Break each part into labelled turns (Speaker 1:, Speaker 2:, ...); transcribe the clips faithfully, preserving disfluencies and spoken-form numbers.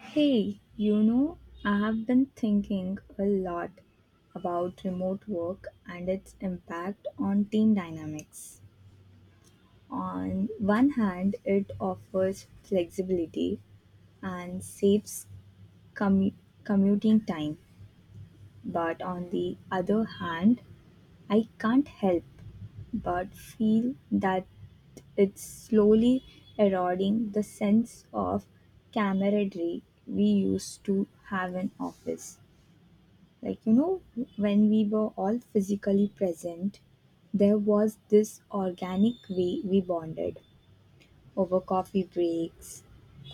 Speaker 1: Hey, you know, I have been thinking a lot about remote work and its impact on team dynamics. On one hand, it offers flexibility and saves commu- commuting time, but on the other hand, I can't help but feel that it's slowly eroding the sense of camaraderie we used to have in office. like you know when we were all physically present, there was this organic way we bonded over coffee breaks,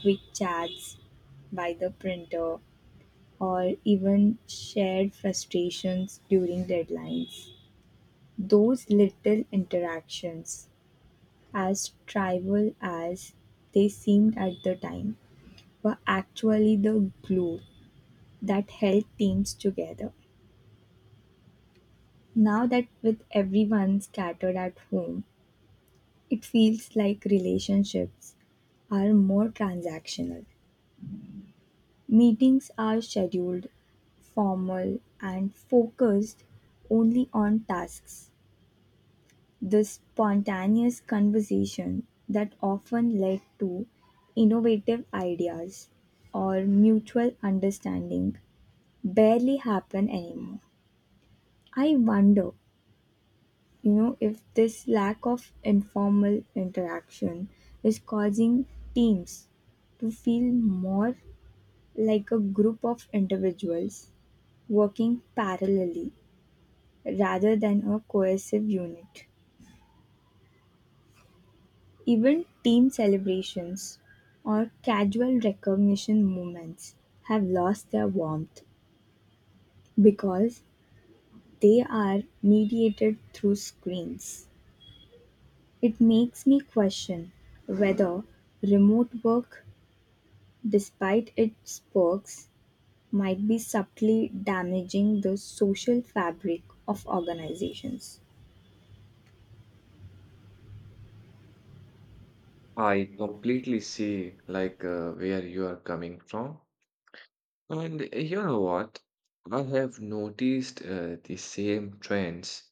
Speaker 1: quick chats by the printer, or even shared frustrations during deadlines. Those little interactions, as trivial as they seemed at the time, were actually the glue that held teams together. Now that with everyone scattered at home, it feels like relationships are more transactional. Meetings are scheduled, formal, and focused only on tasks. This spontaneous conversation that often led to innovative ideas or mutual understanding barely happen anymore. I wonder you know if this lack of informal interaction is causing teams to feel more like a group of individuals working parallelly rather than a cohesive unit. Even team celebrations or casual recognition moments have lost their warmth because they are mediated through screens. It makes me question whether remote work, despite its perks, might be subtly damaging the social fabric of organizations.
Speaker 2: I completely see like uh, where you are coming from. And uh, You know what? I have noticed uh, the same trends.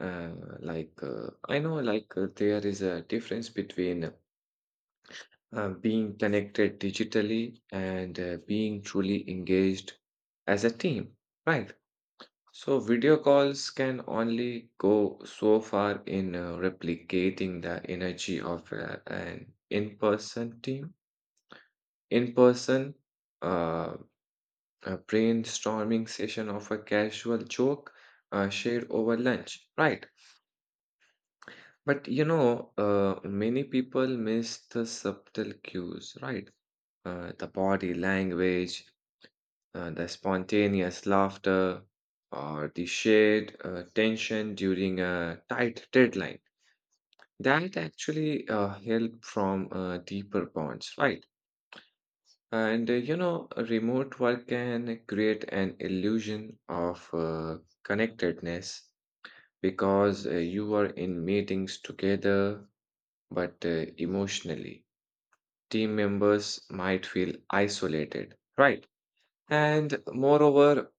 Speaker 2: Uh, like uh, I know like uh, there is a difference between uh, being connected digitally and uh, being truly engaged as a team, right? So video calls can only go so far in uh, replicating the energy of uh, an in-person team In person, uh, a brainstorming session of a casual joke uh, shared over lunch, right? But you know, uh, many people miss the subtle cues, right? Uh, the body language, uh, the spontaneous laughter, or the shared uh, tension during a tight deadline. That actually uh, help from uh, deeper bonds, right? And uh, you know, remote work can create an illusion of uh, connectedness because uh, you are in meetings together, but uh, emotionally, team members might feel isolated, right? And moreover,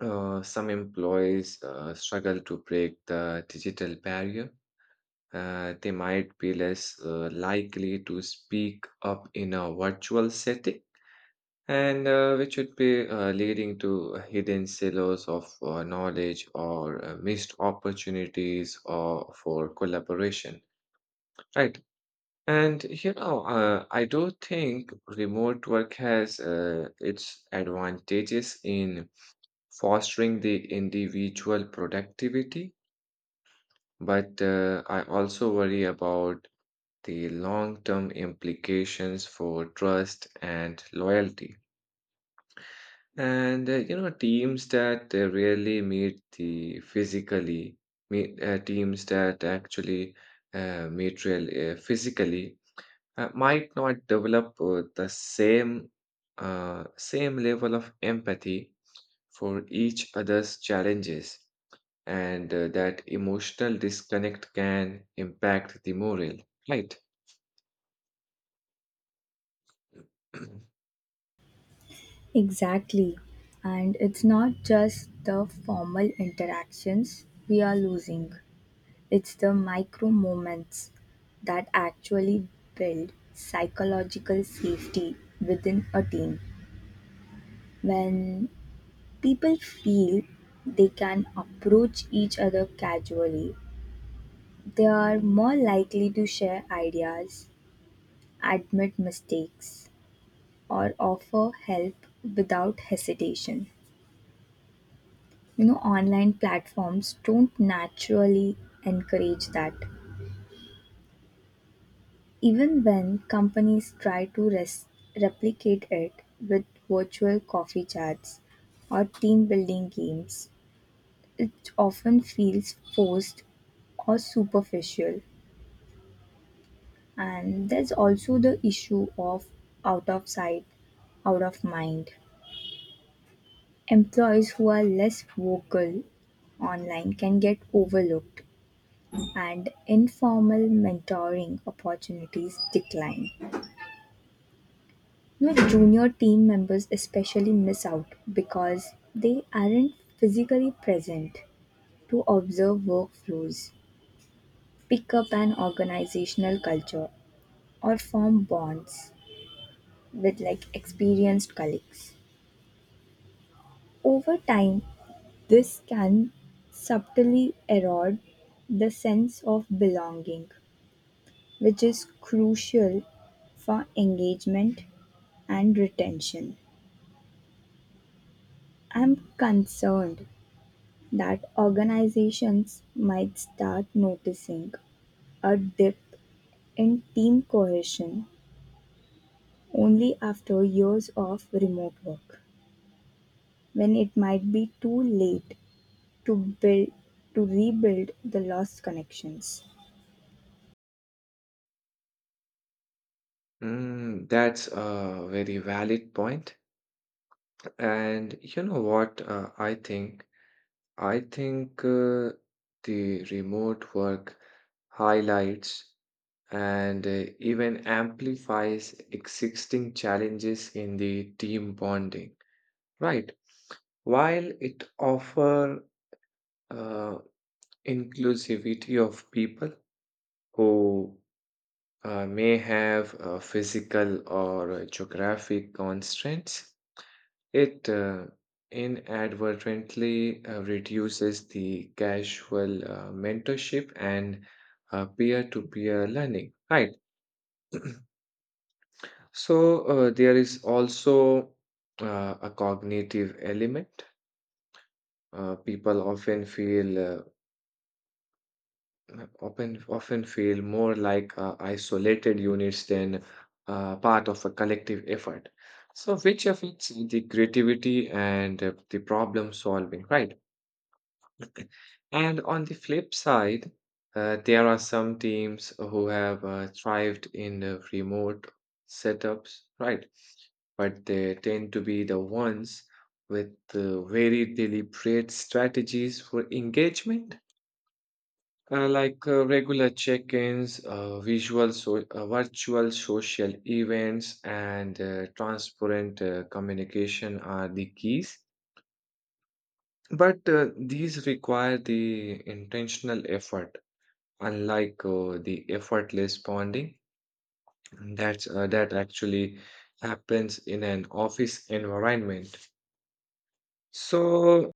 Speaker 2: uh, some employees uh, struggle to break the digital barrier. Uh, they might be less uh, likely to speak up in a virtual setting and uh, which would be uh, leading to hidden silos of uh, knowledge or uh, missed opportunities or for collaboration, right. And you know uh, I do think remote work has uh, its advantages in fostering the individual productivity, but uh, I also worry about the long term implications for trust and loyalty. And uh, you know, teams that uh, really meet the physically meet uh, teams that actually uh, meet real uh, physically uh, might not develop uh, the same uh, same level of empathy for each other's challenges, and uh, that emotional disconnect can impact the morale. Right.
Speaker 1: Exactly. And it's not just the formal interactions we are losing, it's the micro moments that actually build psychological safety within a team. When people feel they can approach each other casually, they are more likely to share ideas, admit mistakes, or offer help without hesitation. You know, online platforms don't naturally encourage that. Even when companies try to res- replicate it with virtual coffee chats or team building games, it often feels forced or superficial. And there's also the issue of out of sight, out of mind. Employees who are less vocal online can get overlooked, and informal mentoring opportunities decline. You know, junior team members especially miss out because they aren't physically present to observe workflows, pick up an organizational culture, or form bonds with like experienced colleagues. Over time, this can subtly erode the sense of belonging, which is crucial for engagement and retention. I'm concerned that organizations might start noticing a dip in team cohesion only after years of remote work, when it might be too late to build to rebuild the lost connections.
Speaker 2: Mm, that's a very valid point. And you know what, uh, I think I think uh, the remote work highlights and uh, even amplifies existing challenges in the team bonding, right? While it offers uh, inclusivity of people who uh, may have uh, physical or uh, geographic constraints, it uh, inadvertently uh, reduces the casual uh, mentorship and uh, peer-to-peer learning, right? So uh, there is also uh, a cognitive element. Uh, people often feel uh, often often feel more like uh, isolated units than uh, part of a collective effort, so which affects the creativity and uh, the problem solving, right? And on the flip side, uh, there are some teams who have uh, thrived in uh, remote setups, right? But they tend to be the ones with uh, very deliberate strategies for engagement, uh, like uh, regular check ins, uh, visual so- uh, virtual social events, and uh, transparent uh, communication are the keys. But uh, these require the intentional effort, unlike uh, the effortless bonding that's uh, that actually happens in an office environment. So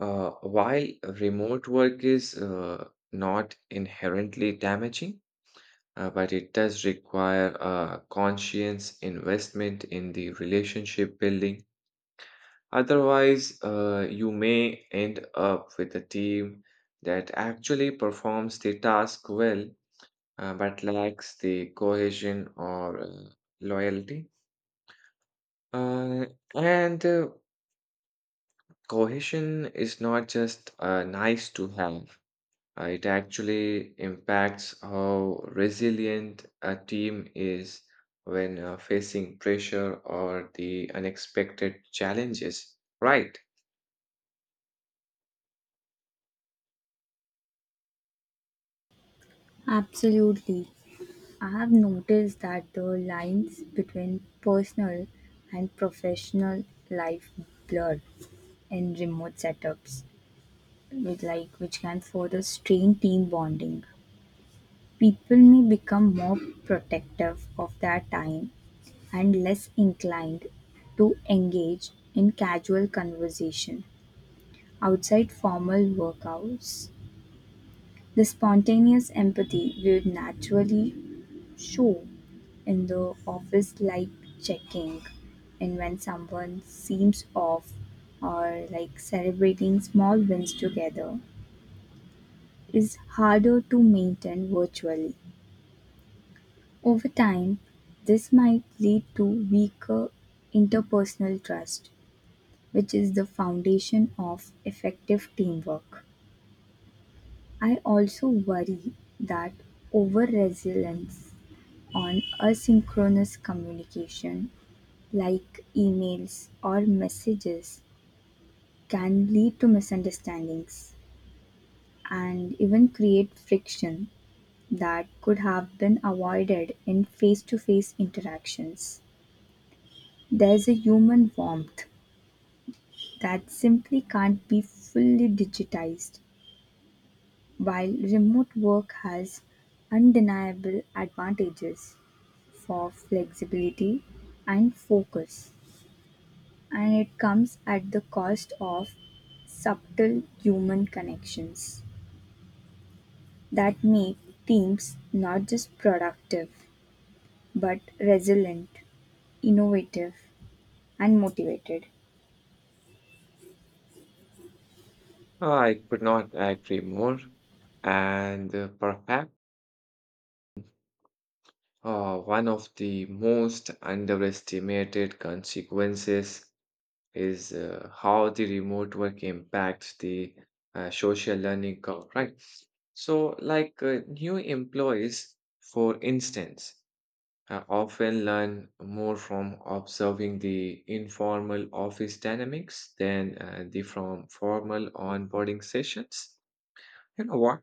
Speaker 2: uh, while remote work is uh, not inherently damaging, uh, but it does require a conscious investment in the relationship building. Otherwise uh, you may end up with a team that actually performs the task well, uh, but lacks the cohesion or uh, loyalty. Uh, and uh, Cohesion is not just uh, nice to have, uh, it actually impacts how resilient a team is when uh, facing pressure or the unexpected challenges. Right.
Speaker 1: Absolutely. I have noticed that the lines between personal and professional life blur in remote setups, with like which can further strain team bonding. People may become more protective of their time and less inclined to engage in casual conversation outside formal workouts. The spontaneous empathy we would naturally show in the office, like checking and when someone seems off, or like celebrating small wins together, is harder to maintain virtually. Over time, this might lead to weaker interpersonal trust, which is the foundation of effective teamwork. I also worry that over reliance on asynchronous communication like emails or messages can lead to misunderstandings and even create friction that could have been avoided in face to face interactions. There's a human warmth that simply can't be fully digitized, while remote work has undeniable advantages for flexibility and focus. And it comes at the cost of subtle human connections that make teams not just productive, but resilient, innovative, and motivated.
Speaker 2: Uh, I could not agree more. And uh, perhaps uh, one of the most underestimated consequences is uh, how the remote work impacts the uh, social learning curve, right? So, like uh, new employees, for instance, uh, often learn more from observing the informal office dynamics than uh, the from formal onboarding sessions. You know what?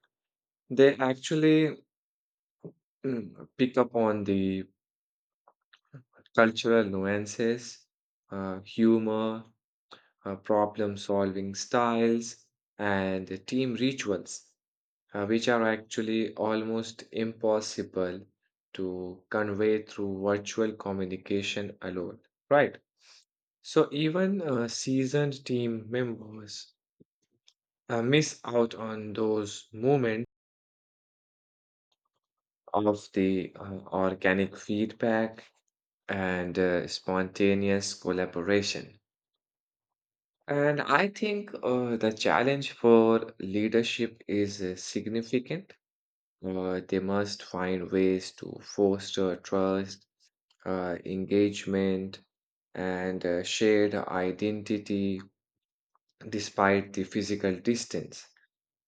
Speaker 2: They actually mm, pick up on the cultural nuances, uh, humor, uh, problem solving styles, and team rituals, uh, which are actually almost impossible to convey through virtual communication alone. Right. So even uh, seasoned team members uh, miss out on those moments of the uh, organic feedback and uh, spontaneous collaboration. And I think uh, the challenge for leadership is uh, significant. Uh, they must find ways to foster trust, uh, engagement, and uh, shared identity despite the physical distance.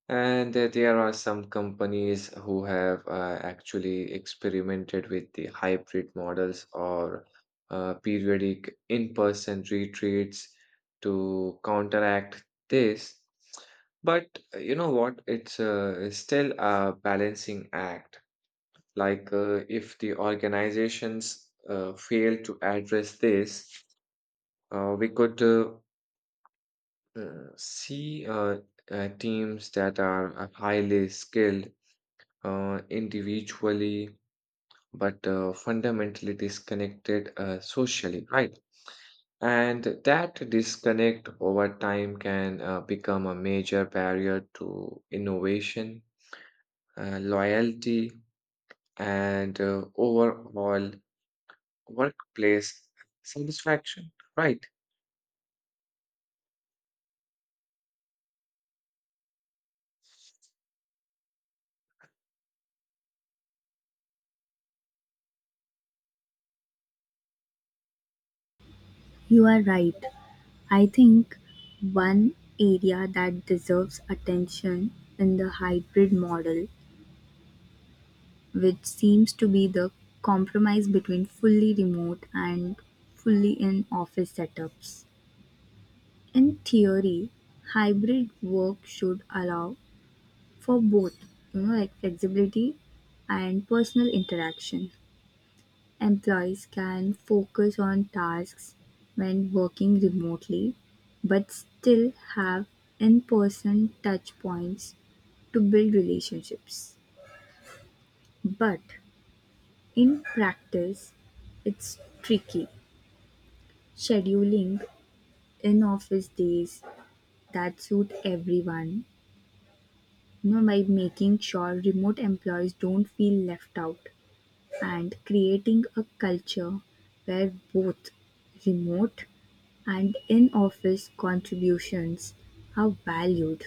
Speaker 2: And uh, there are some companies who have uh, actually experimented with the hybrid models or uh, periodic in-person retreats to counteract this. But uh, you know what? It's uh, still a balancing act. Like uh, if the organizations uh, fail to address this, uh, we could uh, uh, see uh, uh, teams that are uh, highly skilled uh, individually, but uh, fundamentally disconnected uh, socially, right? And that disconnect over time can uh, become a major barrier to innovation, uh, loyalty, and uh, overall workplace satisfaction, right?
Speaker 1: You are right. I think one area that deserves attention in the hybrid model, which seems to be the compromise between fully remote and fully in office setups. In theory, hybrid work should allow for both, you know, like flexibility and personal interaction. Employees can focus on tasks when working remotely, but still have in person touch points to build relationships. But in practice, it's tricky scheduling in office days that suit everyone, you know, by making sure remote employees don't feel left out and creating a culture where both remote and in-office contributions are valued,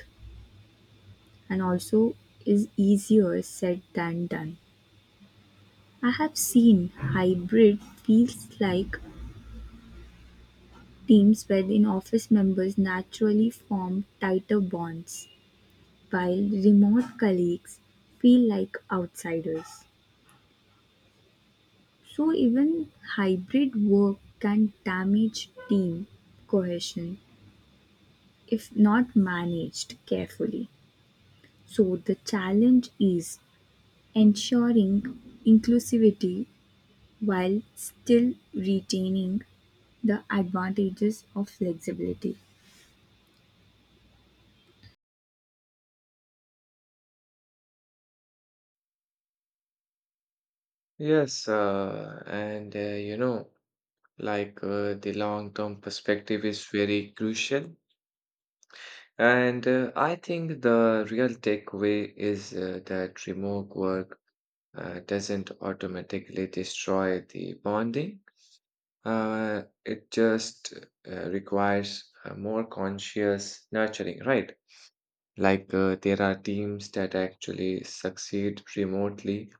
Speaker 1: and also is easier said than done. I have seen hybrid feels like teams where in-office members naturally form tighter bonds while remote colleagues feel like outsiders. So even hybrid work can damage team cohesion if not managed carefully. So the challenge is ensuring inclusivity while still retaining the advantages of flexibility.
Speaker 2: Yes, uh, and uh, you know, like uh, the long-term perspective is very crucial. And uh, I think the real takeaway is uh, that remote work uh, doesn't automatically destroy the bonding. Uh, it just uh, requires a more conscious nurturing, right? Like uh, there are teams that actually succeed remotely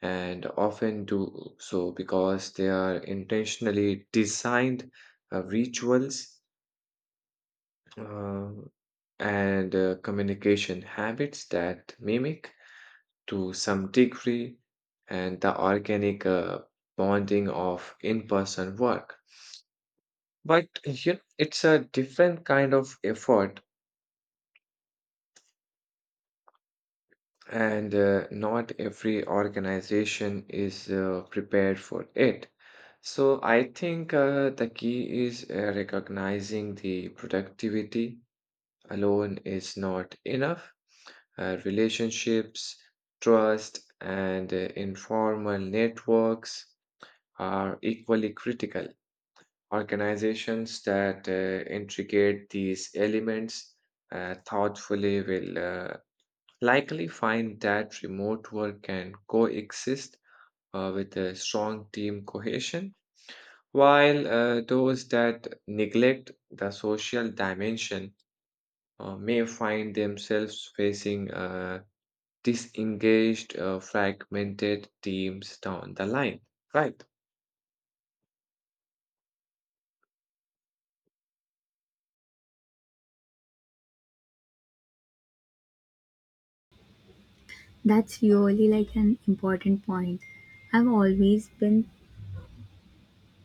Speaker 2: and often do so because they are intentionally designed uh, rituals uh, and uh, communication habits that mimic to some degree and the organic uh, bonding of in-person work. But you know, it's a different kind of effort, and uh, not every organization is uh, prepared for it. So I think uh, the key is uh, recognizing the productivity alone is not enough. Uh, relationships, trust, and uh, informal networks are equally critical. Organizations that uh, integrate these elements uh, thoughtfully will uh, likely find that remote work can coexist uh, with a strong team cohesion, while uh, those that neglect the social dimension uh, may find themselves facing uh, disengaged, uh, fragmented teams down the line, right?
Speaker 1: That's really like an important point. I've always been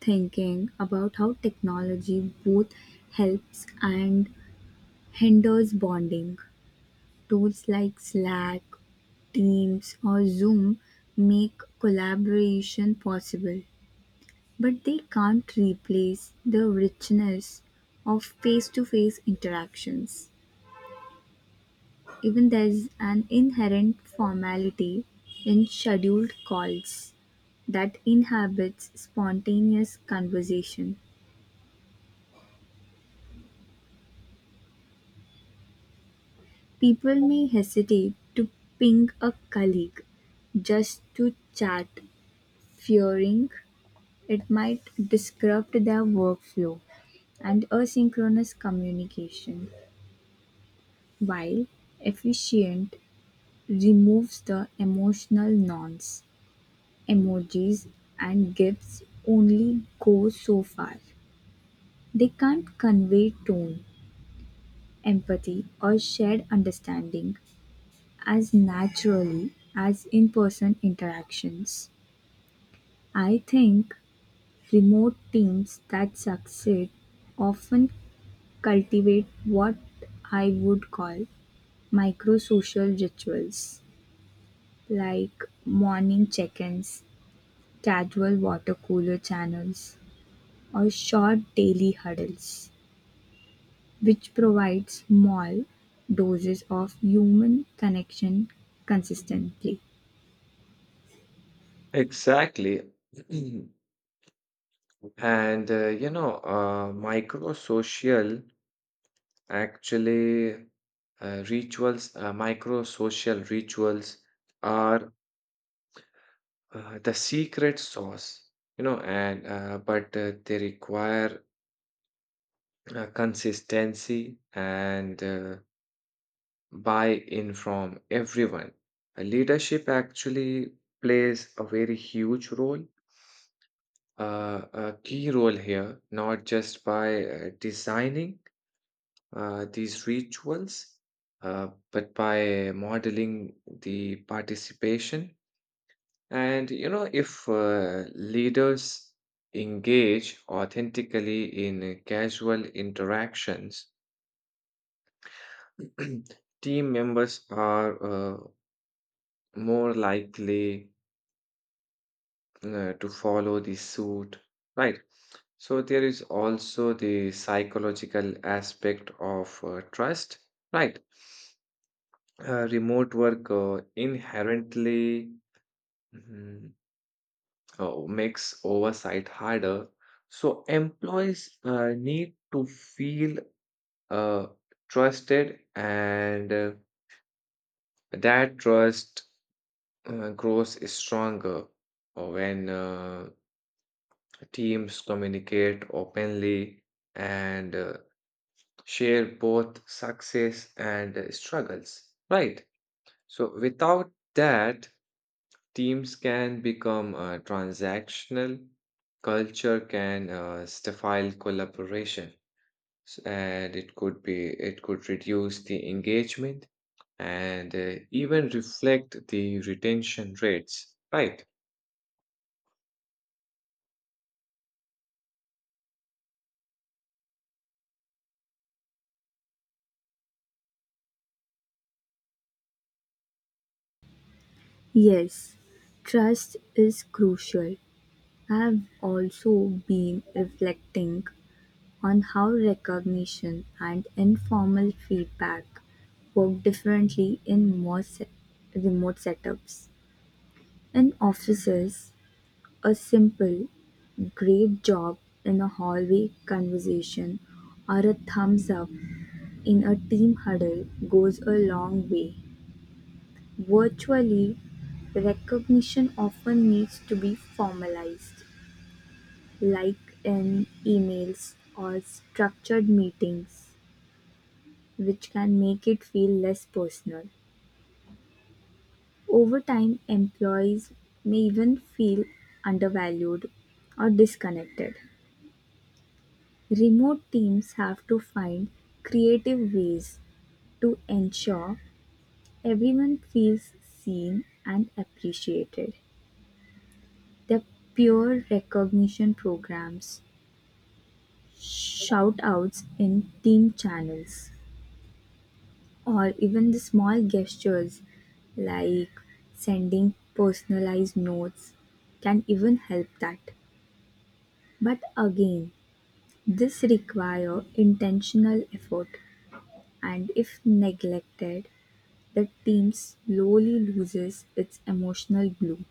Speaker 1: thinking about how technology both helps and hinders bonding. Tools like Slack, Teams, or Zoom make collaboration possible, but they can't replace the richness of face to face interactions. Even there's an inherent formality in scheduled calls that inhabits spontaneous conversation. People may hesitate to ping a colleague just to chat, fearing it might disrupt their workflow. And asynchronous communication, while efficient, removes the emotional nonce. Emojis and GIFs only go so far. They can't convey tone, empathy, or shared understanding as naturally as in person interactions. I think remote teams that succeed often cultivate what I would call microsocial rituals, like morning check-ins, casual water-cooler channels, or short daily huddles, which provide small doses of human connection consistently.
Speaker 2: Exactly. And uh, you know, uh, micro-social actually uh, rituals, uh, micro-social rituals are uh, the secret sauce, you know, and uh, but uh, they require uh, consistency and uh, buy-in from everyone. Uh, Leadership actually plays a very huge role, uh, a key role here, not just by uh, designing uh, these rituals, uh, but by modeling the participation. And you know, if uh, leaders engage authentically in casual interactions, team members are uh, more likely uh, to follow the suit, right? So there is also the psychological aspect of uh, trust, right? Uh, remote work uh, inherently mm, uh, makes oversight harder. So employees uh, need to feel uh, trusted, and uh, that trust uh, grows is stronger uh, when uh, teams communicate openly and uh, share both success and uh, struggles, right? So, without that, teams can become uh, transactional, culture can uh, stifle collaboration, S- and it could be it could reduce the engagement and uh, even reflect the retention rates, right?
Speaker 1: Yes, trust is crucial. I've also been reflecting on how recognition and informal feedback work differently in more se- remote setups. In offices, a simple "Great job" in a hallway conversation or a thumbs up in a team huddle goes a long way. Virtually, recognition often needs to be formalized, like in emails or structured meetings, which can make it feel less personal. Over time, employees may even feel undervalued or disconnected. Remote teams have to find creative ways to ensure everyone feels seen and appreciated. The peer recognition programs, shout-outs in team channels, or even the small gestures like sending personalized notes can even help that. But again, this require intentional effort, and if neglected, the team slowly loses its emotional glue.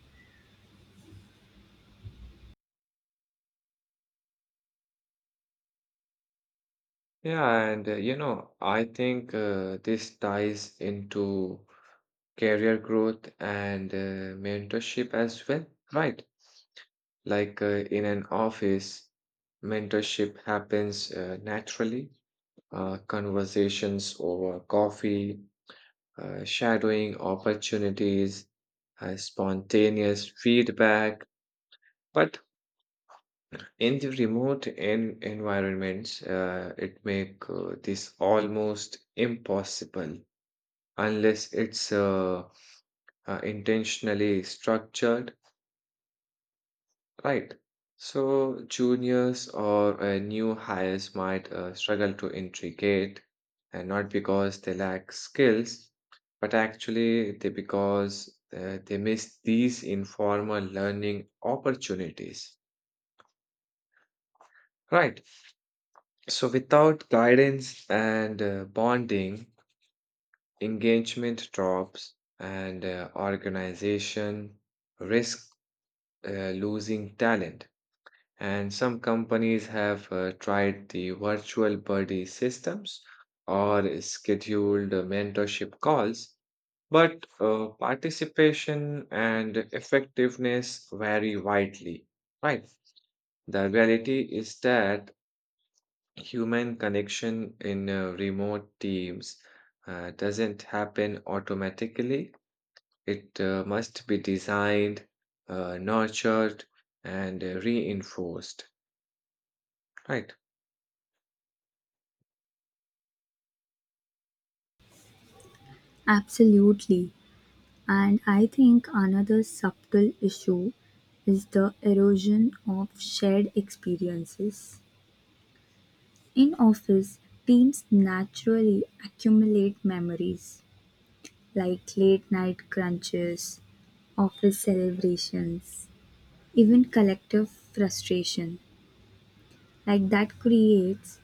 Speaker 2: Yeah, and uh, you know, I think uh, this ties into career growth and uh, mentorship as well, right? Like uh, in an office, mentorship happens uh, naturally, uh, conversations over coffee, uh, shadowing opportunities, uh, spontaneous feedback. But in the remote en environments, uh, it make uh, this almost impossible unless it's uh, uh, intentionally structured, right? So, juniors or uh, new hires might uh, struggle to integrate, and not because they lack skills, but actually they because uh, they miss these informal learning opportunities, right? So, without guidance and uh, bonding, engagement drops and uh, organization risk uh, losing talent. And some companies have uh, tried the virtual buddy systems or scheduled uh, mentorship calls, but uh, participation and effectiveness vary widely, right? The reality is that human connection in uh, remote teams uh, doesn't happen automatically, it uh, must be designed, uh, nurtured, and uh, reinforced, right?
Speaker 1: Absolutely. And I think another subtle issue is the erosion of shared experiences. In office, teams naturally accumulate memories like late night crunches, office celebrations, even collective frustration. Like that creates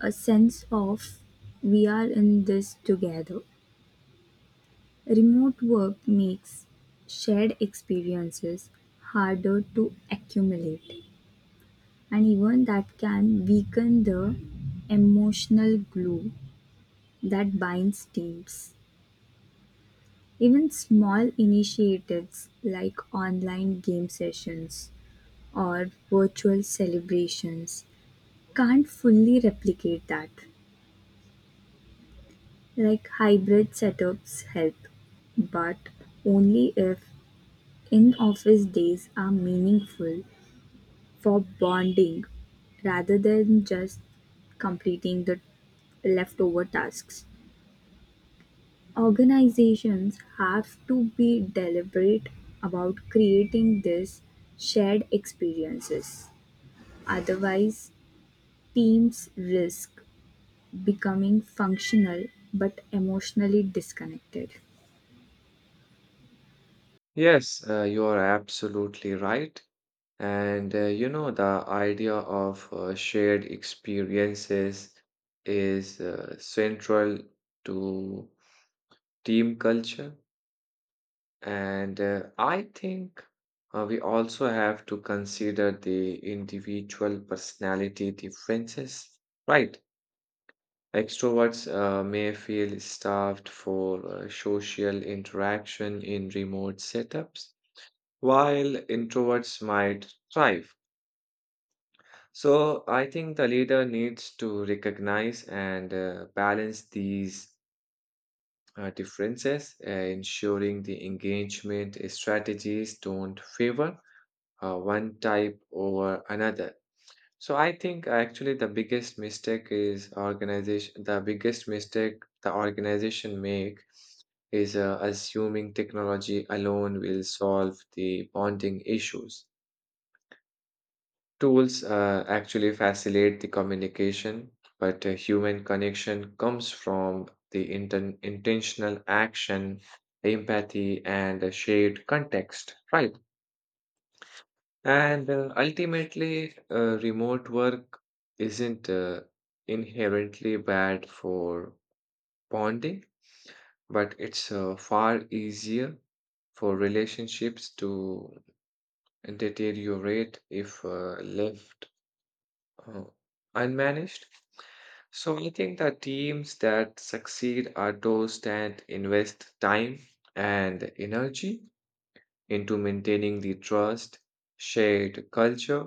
Speaker 1: a sense of we are in this together. Remote work makes shared experiences harder to accumulate, and even that can weaken the emotional glue that binds teams. Even small initiatives like online game sessions or virtual celebrations can't fully replicate that. Like hybrid setups help, but only if in office days are meaningful for bonding, rather than just completing the leftover tasks. Organizations have to be deliberate about creating these shared experiences. Otherwise, teams risk becoming functional but emotionally disconnected.
Speaker 2: Yes, uh, you are absolutely right. And uh, you know, the idea of uh, shared experiences is uh, central to team culture. And uh, I think uh, we also have to consider the individual personality differences, right? Extroverts uh, may feel starved for uh, social interaction in remote setups, while introverts might thrive. So, I think the leader needs to recognize and uh, balance these uh, differences, uh, ensuring the engagement strategies don't favor uh, one type over another. So, I think actually the biggest mistake is organization, the biggest mistake the organization make is uh, assuming technology alone will solve the bonding issues. Tools uh, actually facilitate the communication, but uh, human connection comes from the inten- intentional action, empathy, and a shared context, right? And uh, ultimately, uh, remote work isn't uh, inherently bad for bonding, but it's uh, far easier for relationships to deteriorate if uh, left uh, unmanaged. So I think the teams that succeed are those that invest time and energy into maintaining the trust, shared culture,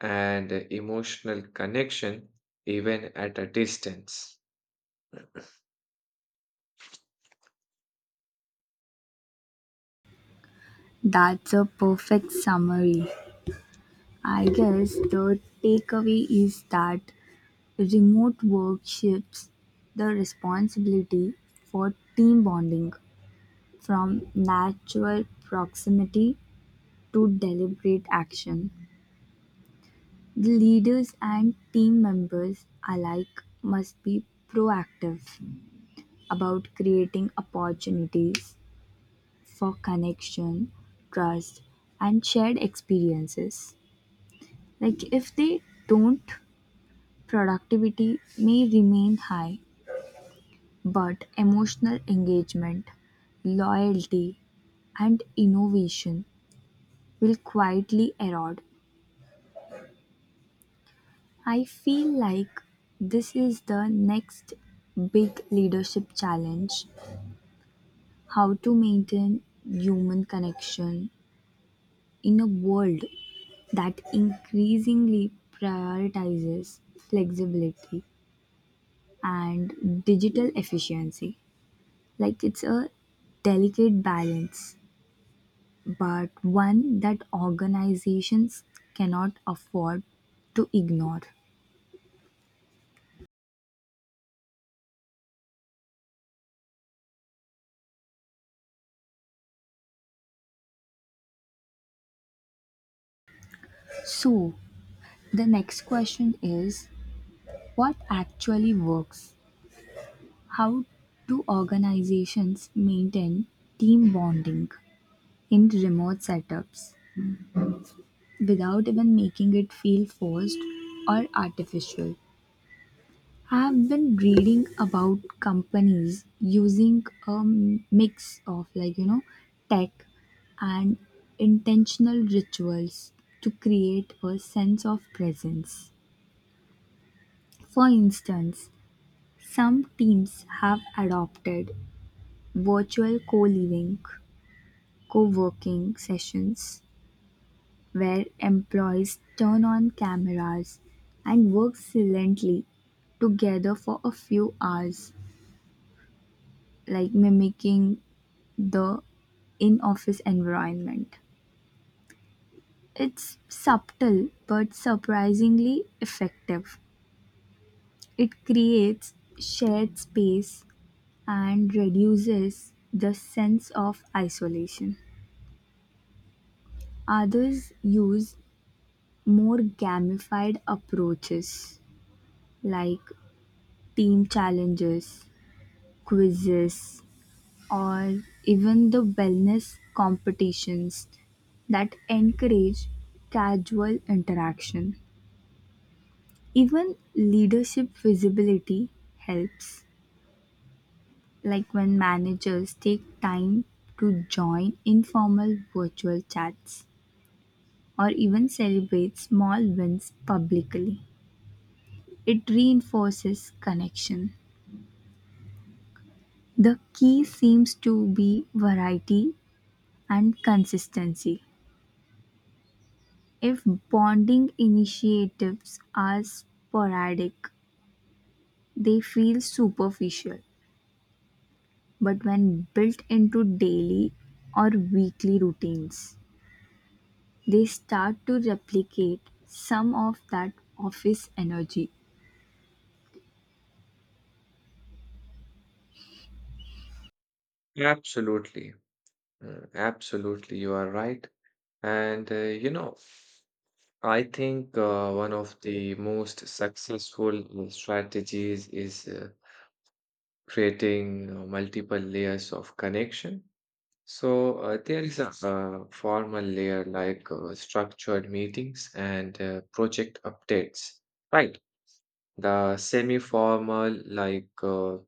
Speaker 2: and emotional connection, even at a distance.
Speaker 1: That's a perfect summary. I guess the takeaway is that remote work shifts the responsibility for team bonding from natural proximity to deliberate action. The leaders and team members alike must be proactive about creating opportunities for connection, trust, and shared experiences. Like, if they don't, productivity may remain high, but emotional engagement, loyalty, and innovation will quietly erode. I feel like this is the next big leadership challenge: how to maintain human connection in a world that increasingly prioritizes flexibility and digital efficiency. Like it's a delicate balance, but one that organizations cannot afford to ignore. So, the next question is, what actually works? How do organizations maintain team bonding in remote setups without even making it feel forced or artificial? I've been reading about companies using a mix of like you know tech and intentional rituals to create a sense of presence. For instance, some teams have adopted virtual co-living, co-working sessions where employees turn on cameras and work silently together for a few hours, like mimicking the in-office environment. It's subtle but surprisingly effective. It creates shared space and reduces the sense of isolation. Others use more gamified approaches like team challenges, quizzes, or even the wellness competitions that encourage casual interaction. Even leadership visibility helps, like when managers take time to join informal virtual chats or even celebrate small wins publicly. It reinforces connection. The key seems to be variety and consistency. If bonding initiatives are sporadic, they feel superficial, but when built into daily or weekly routines, they start to replicate some of that office energy.
Speaker 2: Absolutely. Mm, Absolutely, you are right. And uh, you know, I think uh, one of the most successful uh, strategies is uh, creating uh, multiple layers of connection. So uh, there is a uh, formal layer like uh, structured meetings and uh, project updates, right? The semi-formal like uh,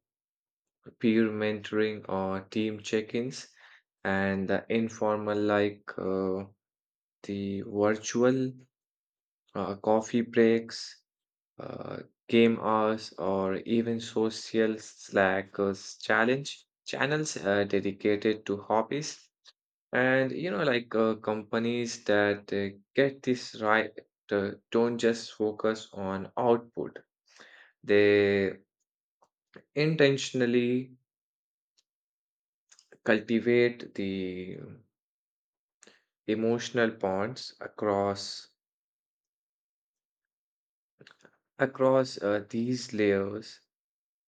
Speaker 2: peer mentoring or team check-ins, and the informal like uh, the virtual uh, coffee breaks, uh, game hours, or even social Slack uh, challenge channels uh, dedicated to hobbies. And you know, like uh, companies that uh, get this right uh, don't just focus on output, they intentionally cultivate the emotional bonds across across uh, these layers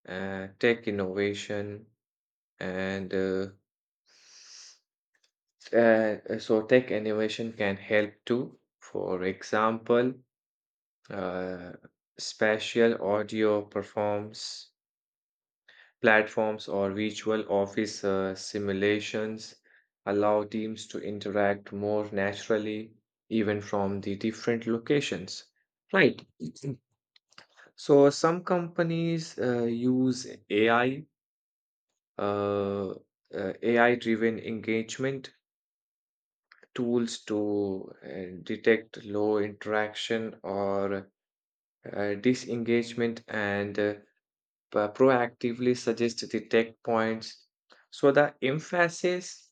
Speaker 2: uh, tech innovation and uh, Uh, so tech innovation can help too. For example, uh, spatial audio performs platforms or virtual office uh, simulations allow teams to interact more naturally, even from the different locations. Right. So some companies uh, use A I, uh, uh, A I-driven engagement tools to uh, detect low interaction or uh, disengagement and uh, pro- proactively suggest detect points. So the emphasis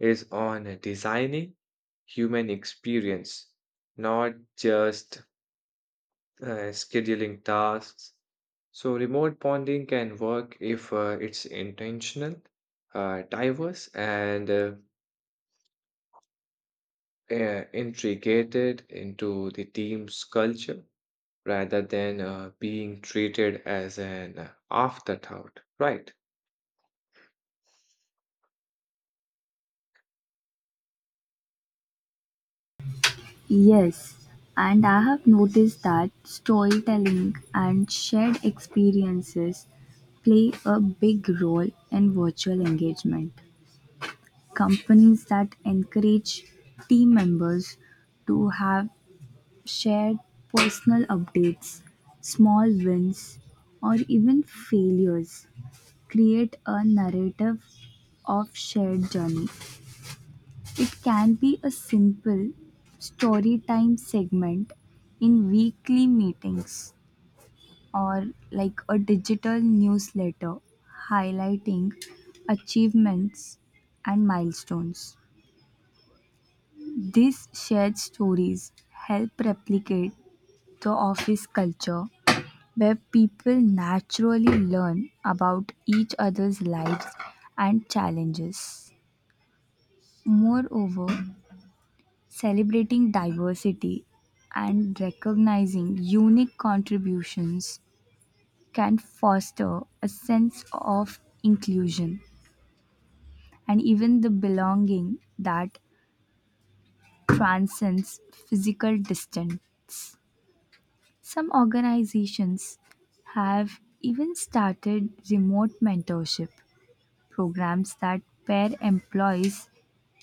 Speaker 2: is on designing human experience, not just uh, scheduling tasks. So remote bonding can work if uh, it's intentional, uh, diverse, and uh, uh, integrated into the team's culture rather than uh, being treated as an uh, afterthought. Right.
Speaker 1: Yes, and I have noticed that storytelling and shared experiences play a big role in virtual engagement. Companies that encourage team members to have shared personal updates, small wins, or even failures create a narrative of shared journey. It can be a simple story time segment in weekly meetings or like a digital newsletter highlighting achievements and milestones. These shared stories help replicate the office culture where people naturally learn about each other's lives and challenges. Moreover, celebrating diversity and recognizing unique contributions can foster a sense of inclusion and even the belonging that transcends physical distance. Some organizations have even started remote mentorship programs that pair employees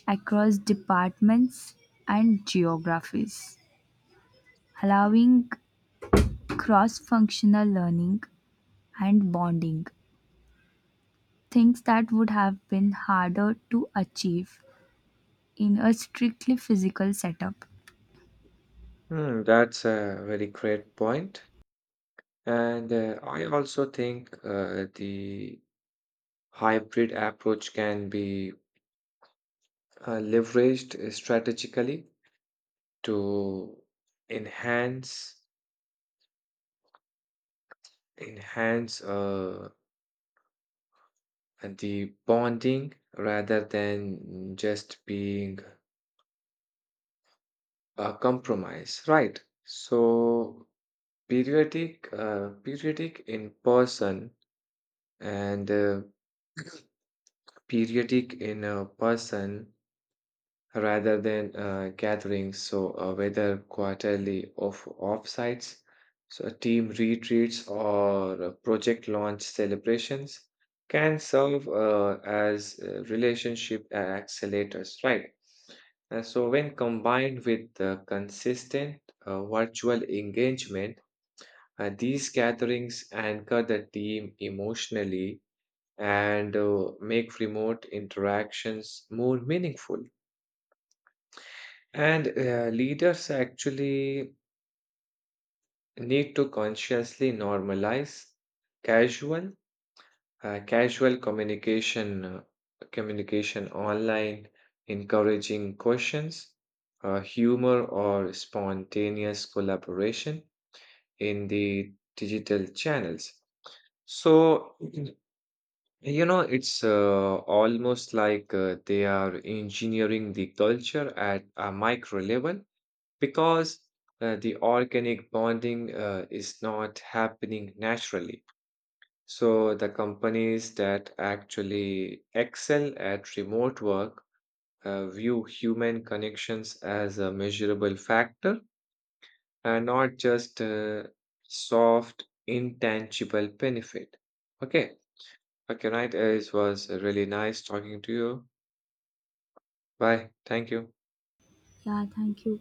Speaker 1: across departments and geographies, allowing cross functional learning and bonding, things that would have been harder to achieve in a strictly physical setup.
Speaker 2: Hmm, that's a very great point. And uh, I also think uh, the hybrid approach can be uh, leveraged strategically to enhance enhance uh, the bonding rather than just being a compromise, right? So Periodic, uh, periodic in person and uh, periodic in a person rather than uh, gatherings. So uh, whether quarterly of offsites, so team retreats or uh, project launch celebrations can serve uh, as uh, relationship accelerators, right? Uh, so when combined with uh, consistent uh, virtual engagement, Uh, these gatherings anchor the team emotionally and uh, make remote interactions more meaningful. And uh, leaders actually need to consciously normalize casual, uh, casual communication, uh, communication online, encouraging questions, uh, humor, or spontaneous collaboration in the digital channels. So, you know, it's uh, almost like uh, they are engineering the culture at a micro level because uh, the organic bonding uh, is not happening naturally. So, the companies that actually excel at remote work uh, view human connections as a measurable factor and not just uh, soft, intangible benefit. Okay. Okay, night. uh, It was uh, really nice talking to you. Bye. Thank you.
Speaker 1: Yeah, thank you.